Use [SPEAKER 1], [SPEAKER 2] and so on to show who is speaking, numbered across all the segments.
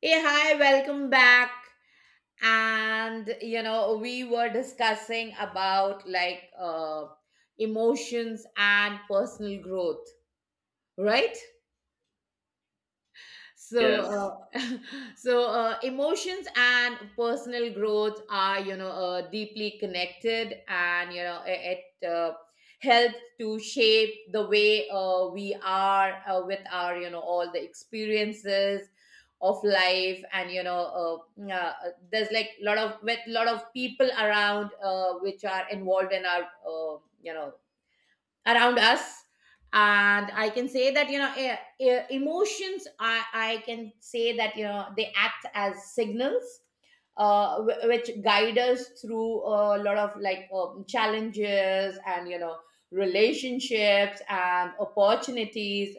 [SPEAKER 1] Hey, hi, welcome back. And you know, we were discussing about emotions and personal growth, right? so
[SPEAKER 2] Yes,
[SPEAKER 1] uh, emotions and personal growth are deeply connected, and you know it helps to shape the way we are with our you know all the experiences of life. And you know, there's like lot of with lot of people around which are involved in our you know around us. And I can say that you know emotions, I can say that you know they act as signals, which guide us through a lot of challenges and you know relationships and opportunities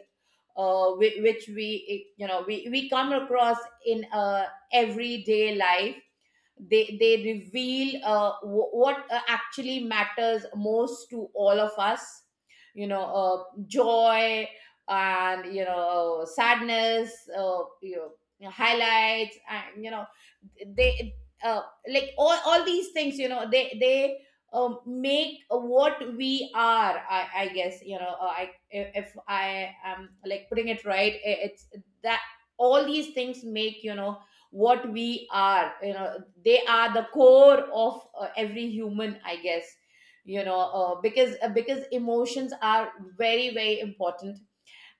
[SPEAKER 1] which we you know we come across in everyday life. They reveal what actually matters most to all of us, you know uh, joy and you know sadness, you know highlights, and you know they uh, like all these things you know they make what we are. I guess you know I if I am like putting it right, it's that all these things make you know what we are. You know, they are the core of every human, I guess. You know, because emotions are very very important.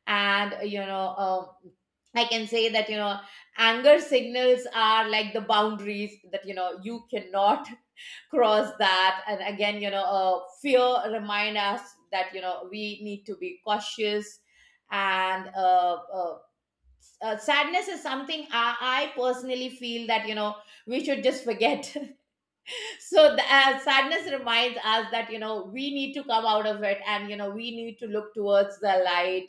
[SPEAKER 1] And I can say that you know anger signals are like the boundaries that you know you cannot cross that. And again, you know fear remind us that you know we need to be cautious. And sadness is something I personally feel that you know we should just forget. So the sadness reminds us that you know we need to come out of it, and you know we need to look towards the light.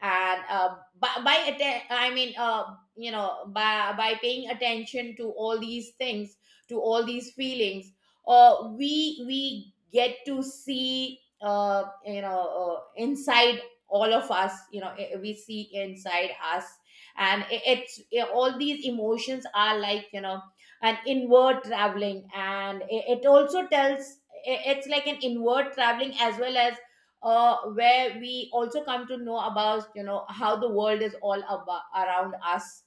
[SPEAKER 1] And by atten- I mean you know by paying attention to all these things, to all these feelings, we get to see inside all of us. You know, we see inside us. And all these emotions are like you know and inward traveling. And it also tells, it's like an inward traveling as well as where we also come to know about you know how the world is all about around us.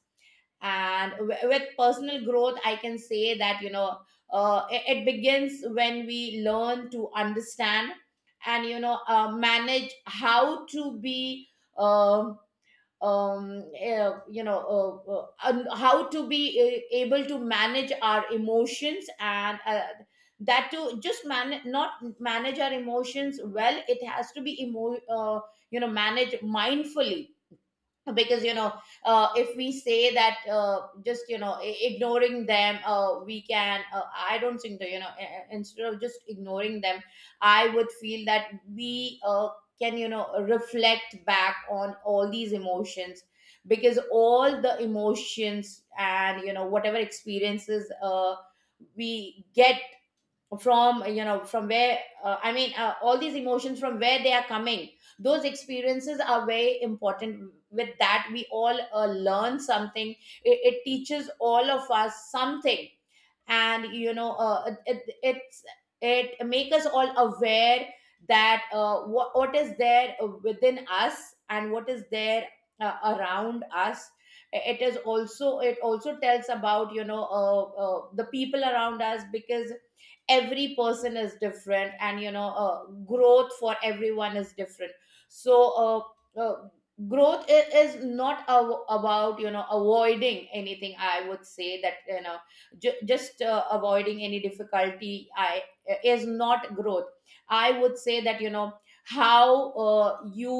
[SPEAKER 1] And with personal growth I can say that you know it begins when we learn to understand and you know manage how to be um um uh, you know and how to be able to manage our emotions. And that to just man, not manage our emotions well, it has to be you know managed mindfully. Because you know if we say that just you know ignoring them, we can I don't think that you know, instead of just ignoring them, I would feel that we can you know reflect back on all these emotions. Because all the emotions and you know whatever experiences we get from you know from where all these emotions from where they are coming, those experiences are very important. With that we all learn something. It teaches all of us something. And you know it's it make us all aware that what is there within us and what is there around us. It is also it also tells about you know the people around us. Because every person is different, and you know growth for everyone is different. So uh, uh, growth is not about you know avoiding anything. I would say that you know ju- just avoiding any difficulty I is not growth. I would say that you know how uh, you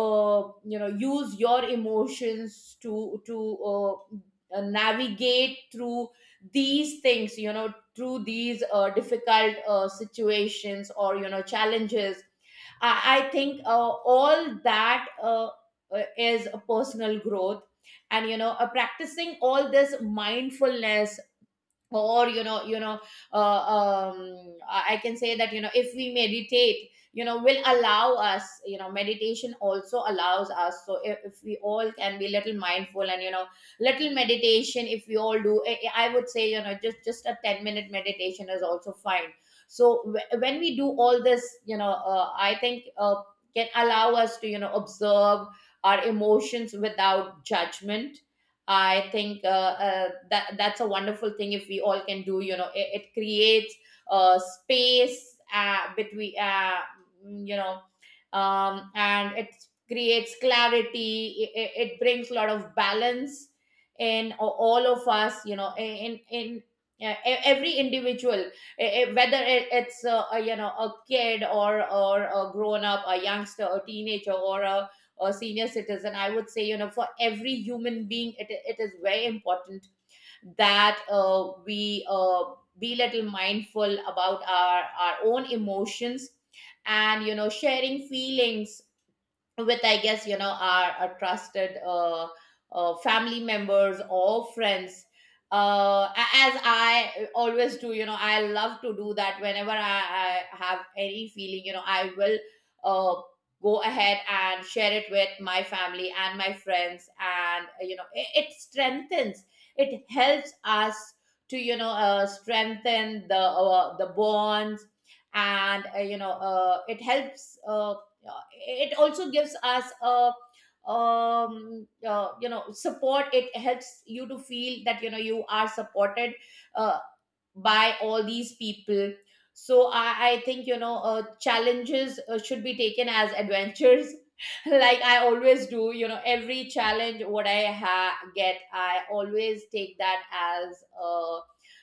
[SPEAKER 1] uh, you know use your emotions to uh, navigate through these things, you know, through these difficult situations or you know challenges. i, I think all that is a personal growth. And you know practicing all this mindfulness or I can say that you know if we meditate you know will allow us, you know meditation also allows us. So if we all can be little mindful, and you know little meditation if we all do, I would say you know just a 10-minute meditation is also fine. So when we do all this, you know I think can allow us to you know observe our emotions without judgment. I think that that's a wonderful thing if we all can do. You know, it creates space between you know and it creates clarity. It brings a lot of balance in all of us, you know in every individual. Whether it's you know a kid, or a grown up, a youngster, a teenager, or a senior citizen, I would say you know for every human being it is very important that we be little mindful about our own emotions. And you know sharing feelings with, I guess you know, our trusted family members or friends. As I always do, you know I love to do that. Whenever I have any feeling, you know I will uh, go ahead and share it with my family and my friends. And you know it strengthens, it helps us to you know strengthen the bonds. And it helps it also gives us a you know support. It helps you to feel that you know you are supported uh, by all these people. So I think you know challenges should be taken as adventures like I always do. You know, every challenge what I get, I always take that as a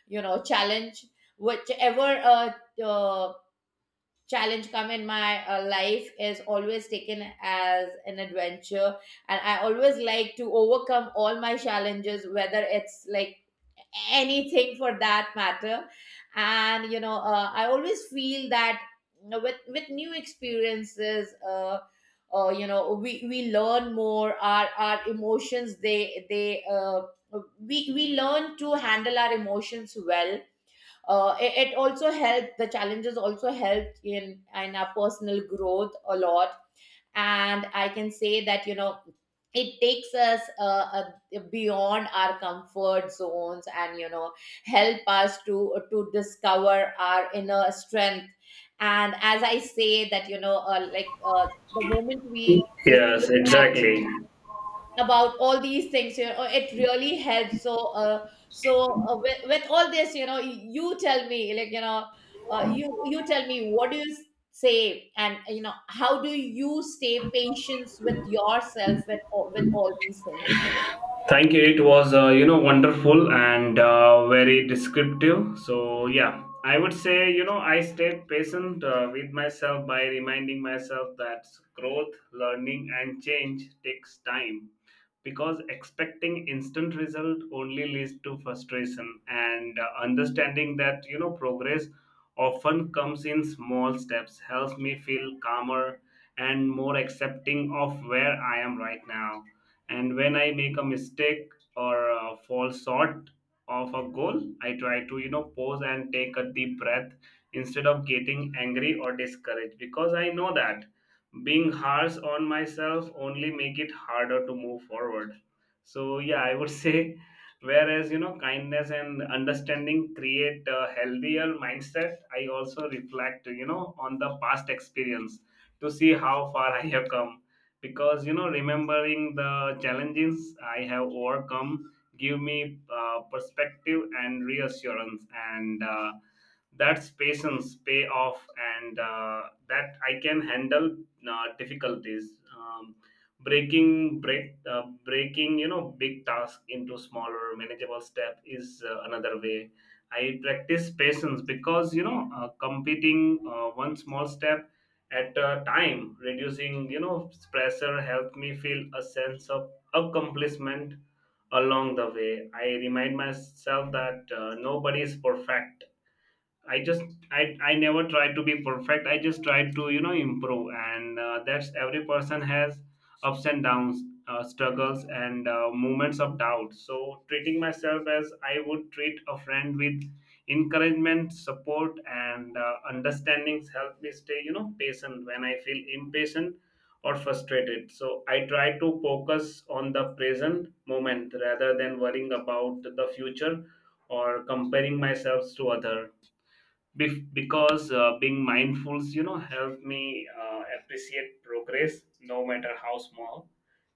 [SPEAKER 1] you know challenge. Whichever uh challenge come in my life is always taken as an adventure. And I always like to overcome all my challenges, whether it's like anything for that matter. And you know I always feel that you know, with new experiences, you know we learn more. Our emotions they we learn to handle our emotions well. It also helped, the challenges also helped in our personal growth a lot. And I can say that, you know, it takes us beyond our comfort zones, and you know help us to discover our inner strength. And as I say that you know the moment we just
[SPEAKER 2] yes,
[SPEAKER 1] look at
[SPEAKER 2] exactly.
[SPEAKER 1] about all these things, you know it really helps. So with all this, you know you tell me, like you know you you tell me, what do you say, and you know how do you stay patience with yourself with with all these things?
[SPEAKER 2] Thank you. It was, you know, wonderful and very descriptive. So, yeah, I would say, you know, I stay patient with myself by reminding myself that growth, learning, and change takes time because expecting instant result only leads to frustration, and understanding that, you know, progress often comes in small steps helps me feel calmer and more accepting of where I am right now. And when I make a mistake or fall short of a goal, I try to, you know, pause and take a deep breath instead of getting angry or discouraged, because I know that being harsh on myself only make it harder to move forward. So yeah, I would say, whereas you know, kindness and understanding create a healthier mindset. I also reflect, you know, on the past experience to see how far I have come, because you know, remembering the challenges I have overcome give me perspective and reassurance, and that's patience pay off, and that I can handle difficulties. Breaking you know, big task into smaller manageable step is another way I practice patience, because you know completing one small step at a time, reducing you know pressure, helped me feel a sense of accomplishment along the way. I remind myself that nobody is perfect. I just I never tried to be perfect. I just tried to, you know, improve, and that's every person has ups and downs, struggles, and moments of doubt. So treating myself as I would treat a friend with encouragement, support, and understandings help me stay, you know, patient when I feel impatient or frustrated. So I try to focus on the present moment rather than worrying about the future or comparing myself to other. Because being mindful, you know, help me appreciate progress, no matter how small,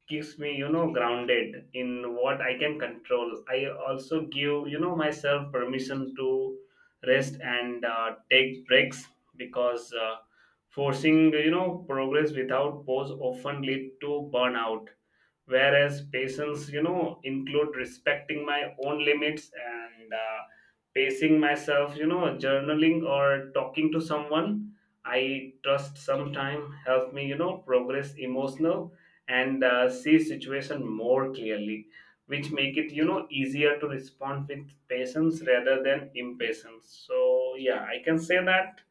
[SPEAKER 2] keeps me, you know, grounded in what I can control. I also give, you know, myself permission to rest and take breaks, because forcing you know progress without pause often lead to burnout, whereas patience, you know, include respecting my own limits and pacing myself. You know, journaling or talking to someone I trust sometime help me, you know, progress emotional and see situation more clearly, which make it, you know, easier to respond with patience rather than impatience. So yeah, I can say that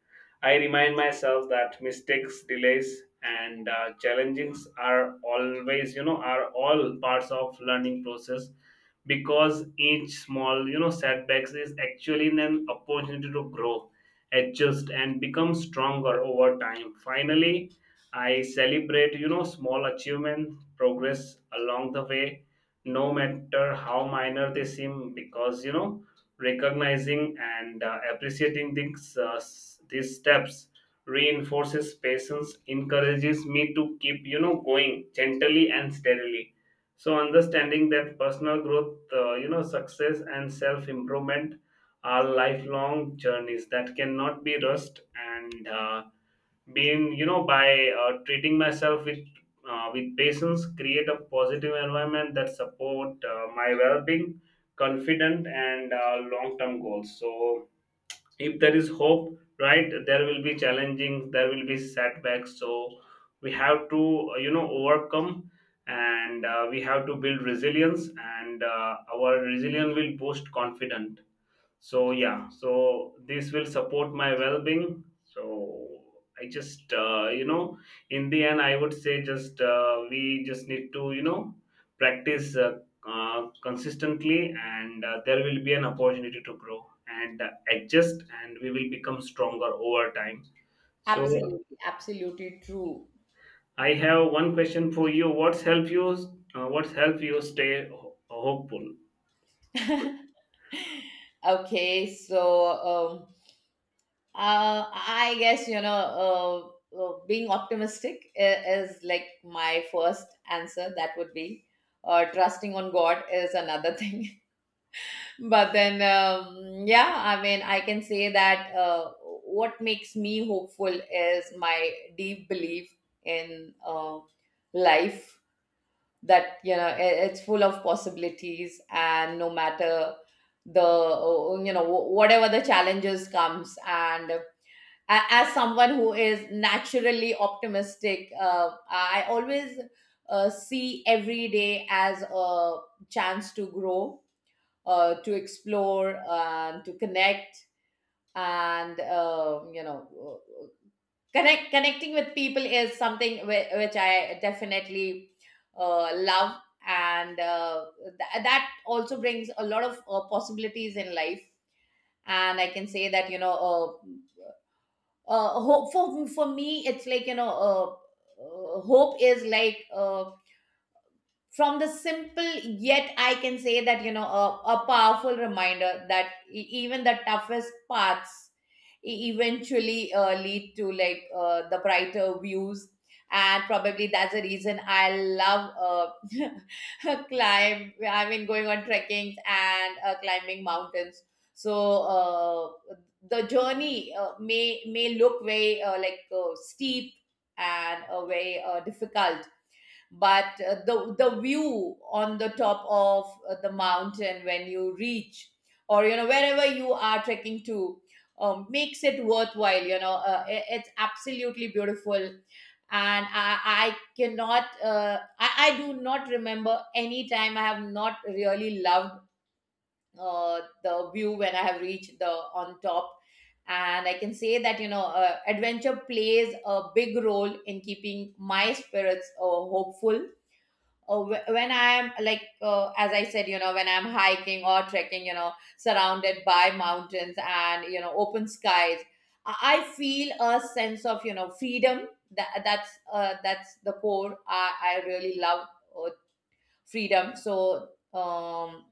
[SPEAKER 2] I remind myself that mistakes, delays, and challenges are always, you know, are all parts of learning process, because each small, you know, setbacks is actually an opportunity to grow, adjust, and become stronger over time. Finally, I celebrate, you know, small achievement, progress along the way, no matter how minor they seem, because you know, recognizing and appreciating these these steps reinforces patience, encourages me to keep, you know, going gently and steadily. So understanding that personal growth, you know, success and self improvement are lifelong journeys that cannot be rushed and. Being, you know, by treating myself with patience create a positive environment that support my well-being, confident, and long-term goals. So if there is hope, right, there will be challenging, there will be setbacks, so we have to, you know, overcome, and we have to build resilience, and our resilience will boost confidence. So yeah, so this will support my well-being. So I just, you know, in the end I would say just, we just need to, you know, practice consistently, and there will be an opportunity to grow and adjust, and we will become stronger over time. So
[SPEAKER 1] Absolutely, absolutely true.
[SPEAKER 2] I have one question for you: what's help you what's help you stay hopeful?
[SPEAKER 1] Okay, so um I guess you know, being optimistic is like my first answer. That would be, trusting on God is another thing. But then, yeah, I mean, I can say that what makes me hopeful is my deep belief in life. That it's full of possibilities, and no matter the you know wh- whatever the challenges comes. As someone who is naturally optimistic, I always see every day as a chance to grow, to explore and to connect. And you know uh, connect Connecting with people is something which I definitely love, and that also brings a lot of possibilities in life. And I can say that, you know, hope for me, it's like, you know, hope is like, from the simple, yet I can say that, you know, a powerful reminder that even the toughest paths eventually lead to, like, the brighter views. And probably that's the reason I love, climb I mean going on trekkings and climbing mountains. So, the journey, may look very, steep and very difficult. But the view on the top of the mountain, when you reach, or, you know, wherever you are trekking to, makes it worthwhile. You know, it's absolutely beautiful. And I cannot, I do not remember any time I have not really loved the view when I have reached the on top. And I can say that, you know, adventure plays a big role in keeping my spirits hopeful. When I am, like, as I said, you know, when I'm hiking or trekking, you know, surrounded by mountains and, you know, open skies, I feel a sense of, you know, freedom. that that's that's the core i, I really love, uh, freedom. So,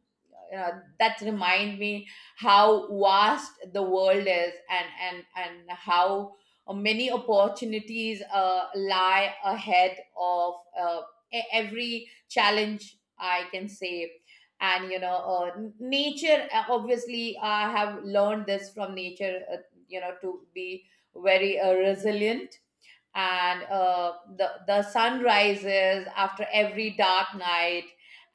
[SPEAKER 1] uh, that remind me how vast the world is, and how many opportunities lie ahead of, every challenge, I can say. And, you know, nature, obviously I have learned this from nature, you know, to be very resilient. And the sun rises after every dark night.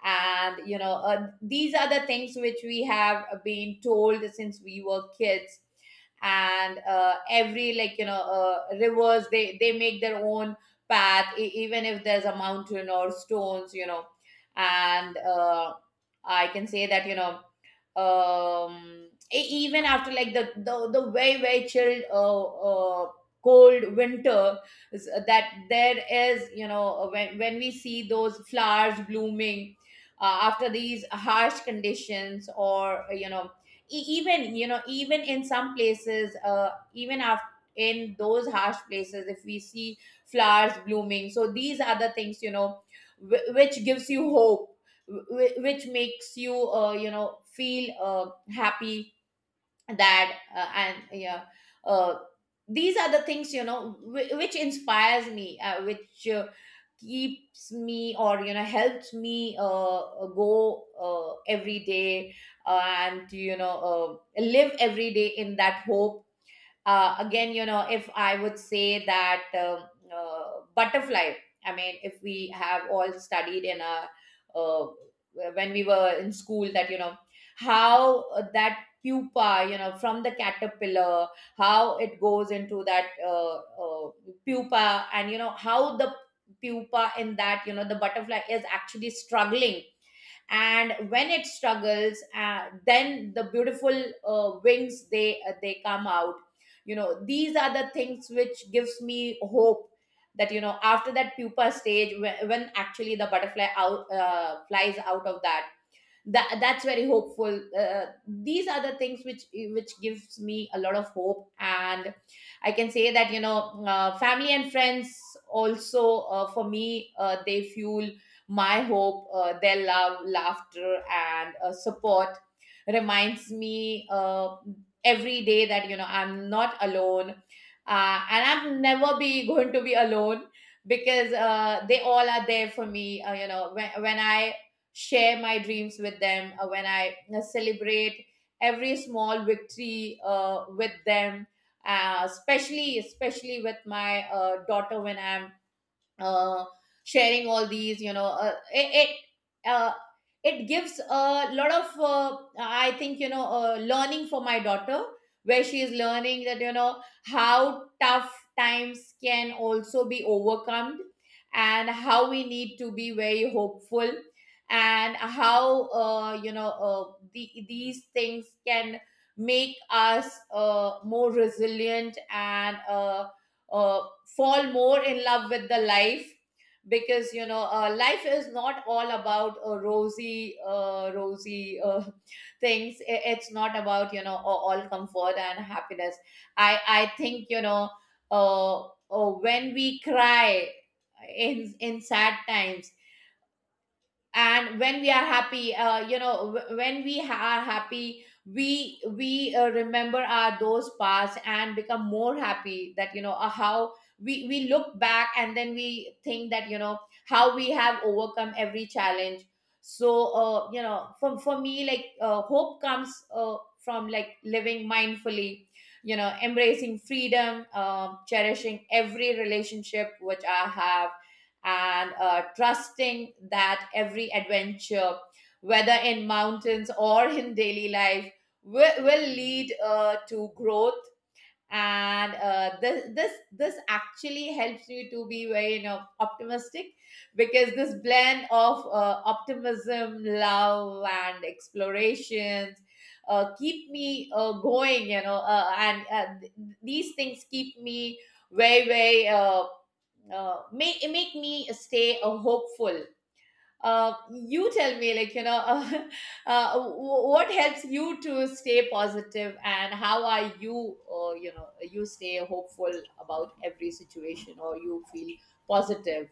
[SPEAKER 1] And, you know, these are the things which we have been told since we were kids. And every, like, you know, rivers, they make their own path, even if there's a mountain or stones, you know. And I can say that, you know, um even after, like, the very chilled, cold winter, that there is, you know, when we see those flowers blooming after these harsh conditions, or, you know, even, you know, even in some places, even after, in those harsh places, if we see flowers blooming. So these are the things, you know, which gives you hope, which makes you, you know, feel happy. That uh, and yeah, uh, these are the things, you know, which inspires me, which keeps me, or, you know, helps me, go every day, uh, and, you know, live every day in that hope. Again, you know, if I would say that, butterfly, I mean, if we have all studied in a, uh, when we were in school, that, you know, how, that pupa, you know, from the caterpillar, how it goes into that, pupa, and, you know, how the pupa in that, you know, the butterfly is actually struggling. And when it struggles, then the beautiful wings, they come out. You know, these are the things which gives me hope, that, you know, after that pupa stage, when actually the butterfly out flies out of that. That's very hopeful. These are the things which gives me a lot of hope. And I can say that, you know, family and friends also, for me, they fuel my hope. Their love, laughter, and support reminds me, every day, that, you know, I'm not alone, and I'm never be going to be alone, because they all are there for me. You know, when I share my dreams with them, when I celebrate every small victory with them, especially with my daughter. When I'm uh, sharing all these, you know, uh, it gives a lot of, I think, you know, learning for my daughter, where she is learning that, you know, how tough times can also be overcome, and how we need to be very hopeful, and how, you know, these things can make us more resilient, and fall more in love with the life. Because, you know, life is not all about rosy things. It's not about, you know, all comfort and happiness. I think, you know, when we cry in sad times, and when we are happy, you know, are happy, we remember our those past and become more happy. That, you know, how we look back, and then we think that, you know, how we have overcome every challenge. So, you know, for me, like, hope comes, from, like, living mindfully, you know, embracing freedom, um, cherishing every relationship which I have, and trusting that every adventure, whether in mountains or in daily life, will lead to growth. And this actually helps you to be very, you know, optimistic, because this blend of optimism, love, and explorations keep me going. You know, these things keep me very very make make me stay hopeful. You tell me, like, you know, uh, what helps you to stay positive, and how are you, you know, you stay hopeful about every situation, or you feel positive.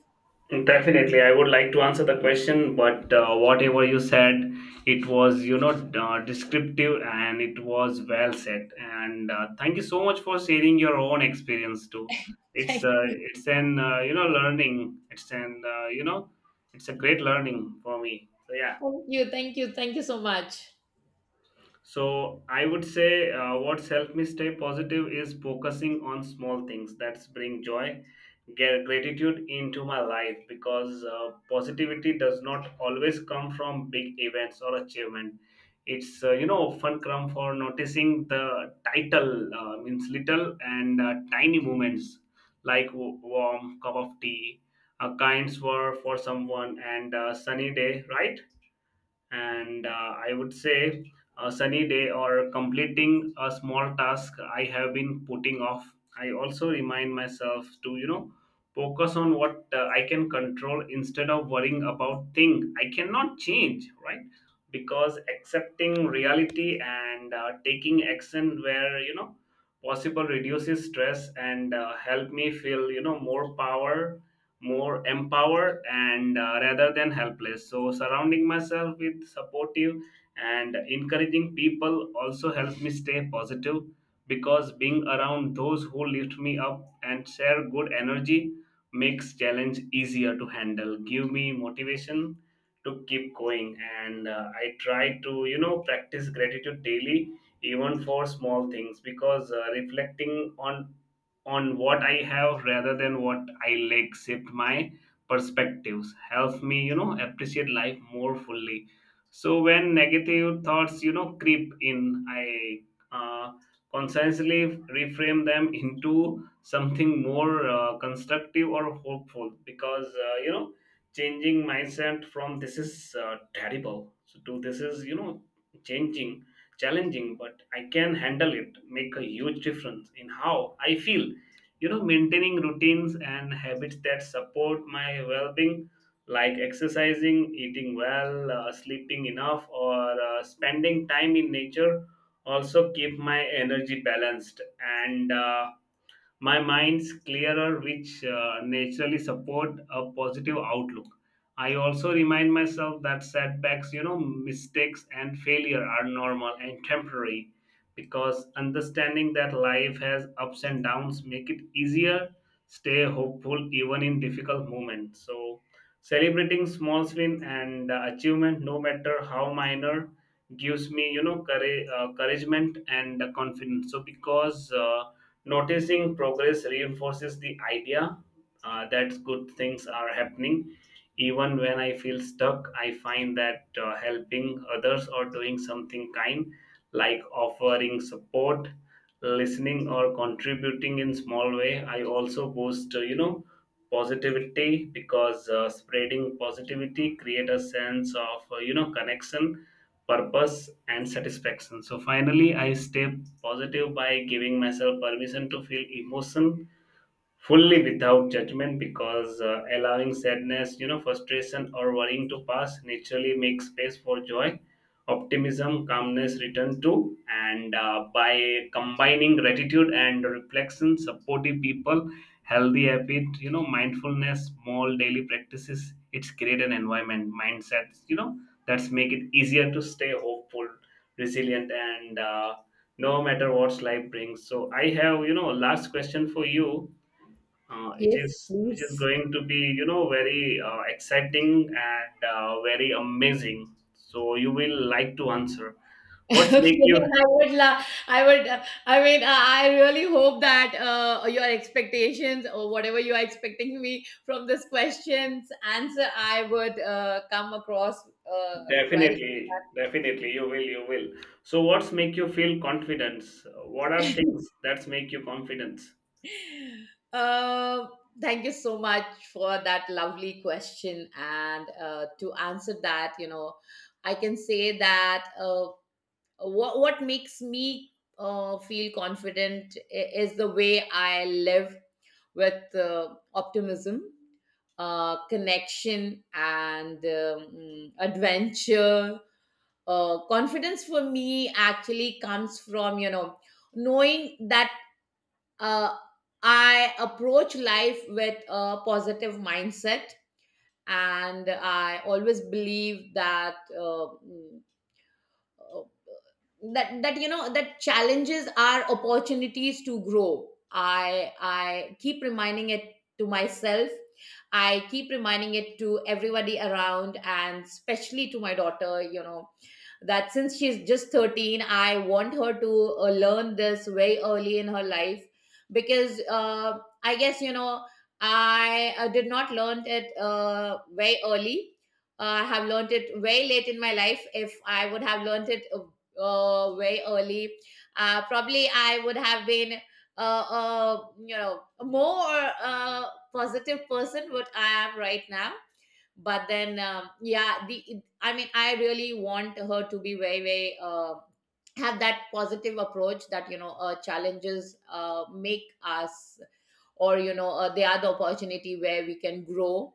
[SPEAKER 2] Definitely, I would like to answer the question, but whatever you said, it was, you know, descriptive and it was well said. And thank you so much for sharing your own experience too.
[SPEAKER 1] Thank you,
[SPEAKER 2] It's an you know, learning. It's an you know, it's a great learning for me. So yeah.
[SPEAKER 1] Thank you, so much.
[SPEAKER 2] So I would say what's helped me stay positive is focusing on small things that bring joy, get gratitude into my life, because positivity does not always come from big events or achievement. It's you know, often come for noticing the title means little and tiny moments like warm cup of tea, a kind word for someone, and a sunny day, right? And I would say a sunny day or completing a small task I have been putting off. I also remind myself to, you know, focus on what I can control instead of worrying about things I cannot change, right? Because accepting reality and taking action where, you know, possible reduces stress and help me feel, you know, more power, more empowered, and rather than helpless. So surrounding myself with supportive and encouraging people also helps me stay positive, because being around those who lift me up and share good energy makes challenge easier to handle, give me motivation to keep going. And I try to, you know, practice gratitude daily, even for small things, because reflecting on what I have rather than what I lack shift my perspectives, help me, you know, appreciate life more fully. So when negative thoughts, you know, creep in, I uh, consciously reframe them into something more constructive or hopeful, because, you know, changing mindset from this is terrible so to this is, you know, changing challenging, but I can handle it, make a huge difference in how I feel. You know, maintaining routines and habits that support my well-being, like exercising, eating well, sleeping enough, or spending time in nature, also keep my energy balanced and my mind's clearer, which naturally support a positive outlook. I also remind myself that setbacks, you know, mistakes, and failure are normal and temporary, because understanding that life has ups and downs make it easier stay hopeful even in difficult moments. So celebrating small win and achievement, no matter how minor, gives me, you know, courage, encouragement, and confidence. So because noticing progress reinforces the idea that good things are happening. Even when I feel stuck, I find that helping others or doing something kind, like offering support, listening, or contributing in small way, I also boost, you know, positivity, because spreading positivity create a sense of, you know, connection, purpose, and satisfaction. So finally I stay positive by giving myself permission to feel emotion fully without judgment, because allowing sadness, you know, frustration, or worrying to pass naturally makes space for joy, optimism, calmness return to. And by combining gratitude and reflection, supportive people, healthy habit, you know, mindfulness, small daily practices, it's create an environment, mindsets, you know, that's make it easier to stay hopeful, resilient, and no matter what life brings. So I have, you know, last question for you. It
[SPEAKER 1] Yes,
[SPEAKER 2] is which is
[SPEAKER 1] please.
[SPEAKER 2] going to be, you know, very exciting and very amazing, so you will like to answer what's make
[SPEAKER 1] Okay,
[SPEAKER 2] you
[SPEAKER 1] I would, I really hope that your expectations, or whatever you are expecting me from this question's answer, I would come across, right.
[SPEAKER 2] definitely definitely you will so what's make you feel confidence, what are things that make you confidence?
[SPEAKER 1] Uh, Thank you so much for that lovely question, and to answer that, you know, I can say that, what makes me feel confident is the way I live with optimism, connection, and, adventure. Confidence for me actually comes from, you know, knowing that, uh, I approach life with a positive mindset. And I always believe that. Uh, that you know, that challenges are opportunities to grow. I keep reminding it to myself, I keep reminding it to everybody around, and especially to my daughter, you know, that since she's just 13, I want her to learn this very early in her life. Because I guess, you know, I did not learn it very early. I have learned it very late in my life. If I would have learned it, very early, probably I would have been, you know, a more uh, positive person what I am right now. But then, yeah, the I mean, I really want her to be very, very. Have that positive approach, that, you know, challenges make us, or, you know, they are the opportunity where we can grow.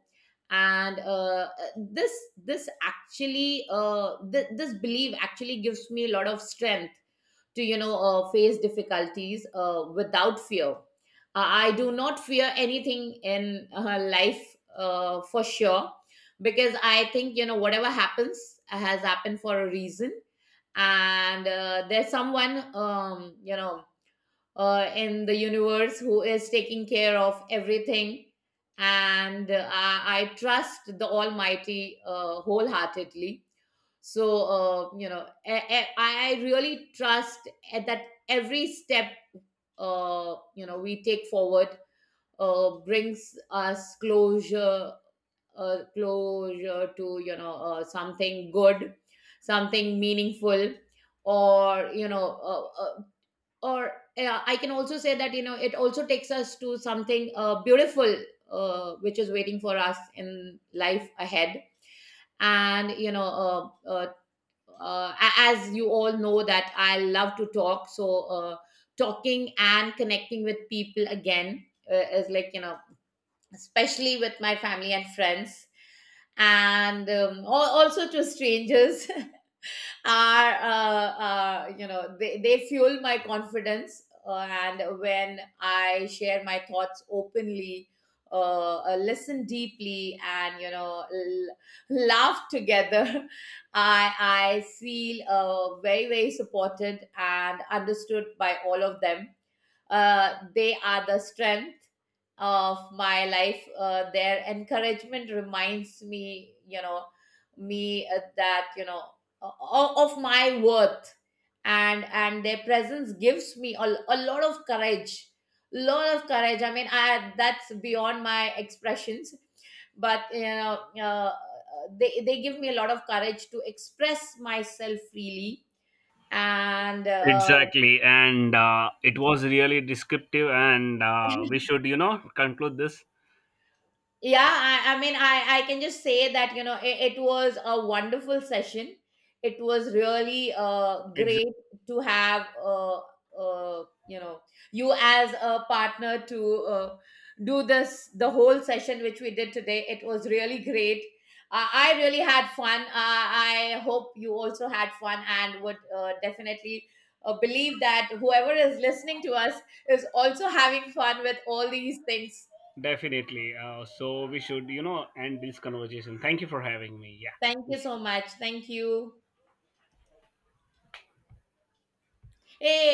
[SPEAKER 1] And this this actually, this belief actually gives me a lot of strength to, you know, face difficulties without fear. I do not fear anything in life, for sure. Because I think, you know, whatever happens has happened for a reason. And there's someone, you know, in the universe, who is taking care of everything. And I trust the Almighty wholeheartedly. So, you know, I really trust at that every step, you know, we take forward brings us closure, closure to, you know, something good, something meaningful, or, you know, or I can also say that, you know, it also takes us to something beautiful, which is waiting for us in life ahead. And, you know, uh, uh, as you all know that I love to talk. So, talking and connecting with people again, is, like, you know, especially with my family and friends, and, also to strangers, are, you know, they fuel my confidence. And when I share my thoughts openly, listen deeply, and, you know, laugh together, i I feel very very supported and understood by all of them. They are the strength of my life. Their encouragement reminds me, you know, me that, you know, of my worth, and their presence gives me a lot of courage, lot of courage. I mean, I, that's beyond my expressions. But, you know, they give me a lot of courage to express myself freely. And
[SPEAKER 2] Exactly, and it was really descriptive, and we should, you know, conclude this.
[SPEAKER 1] yeah, I mean, I can just say that, you know, it was a wonderful session. It was really
[SPEAKER 2] It's
[SPEAKER 1] great to have, you know, you as a partner to do this, the whole session which we did today. It was really great. I really had fun. I hope you also had fun, and would definitely believe that whoever is listening to us is also having fun with all these things.
[SPEAKER 2] definitely so we should, you know, end this conversation. Thank you for having me. Yeah.
[SPEAKER 1] Thank you
[SPEAKER 2] Thank you.
[SPEAKER 1] so much. Thank you. Hey,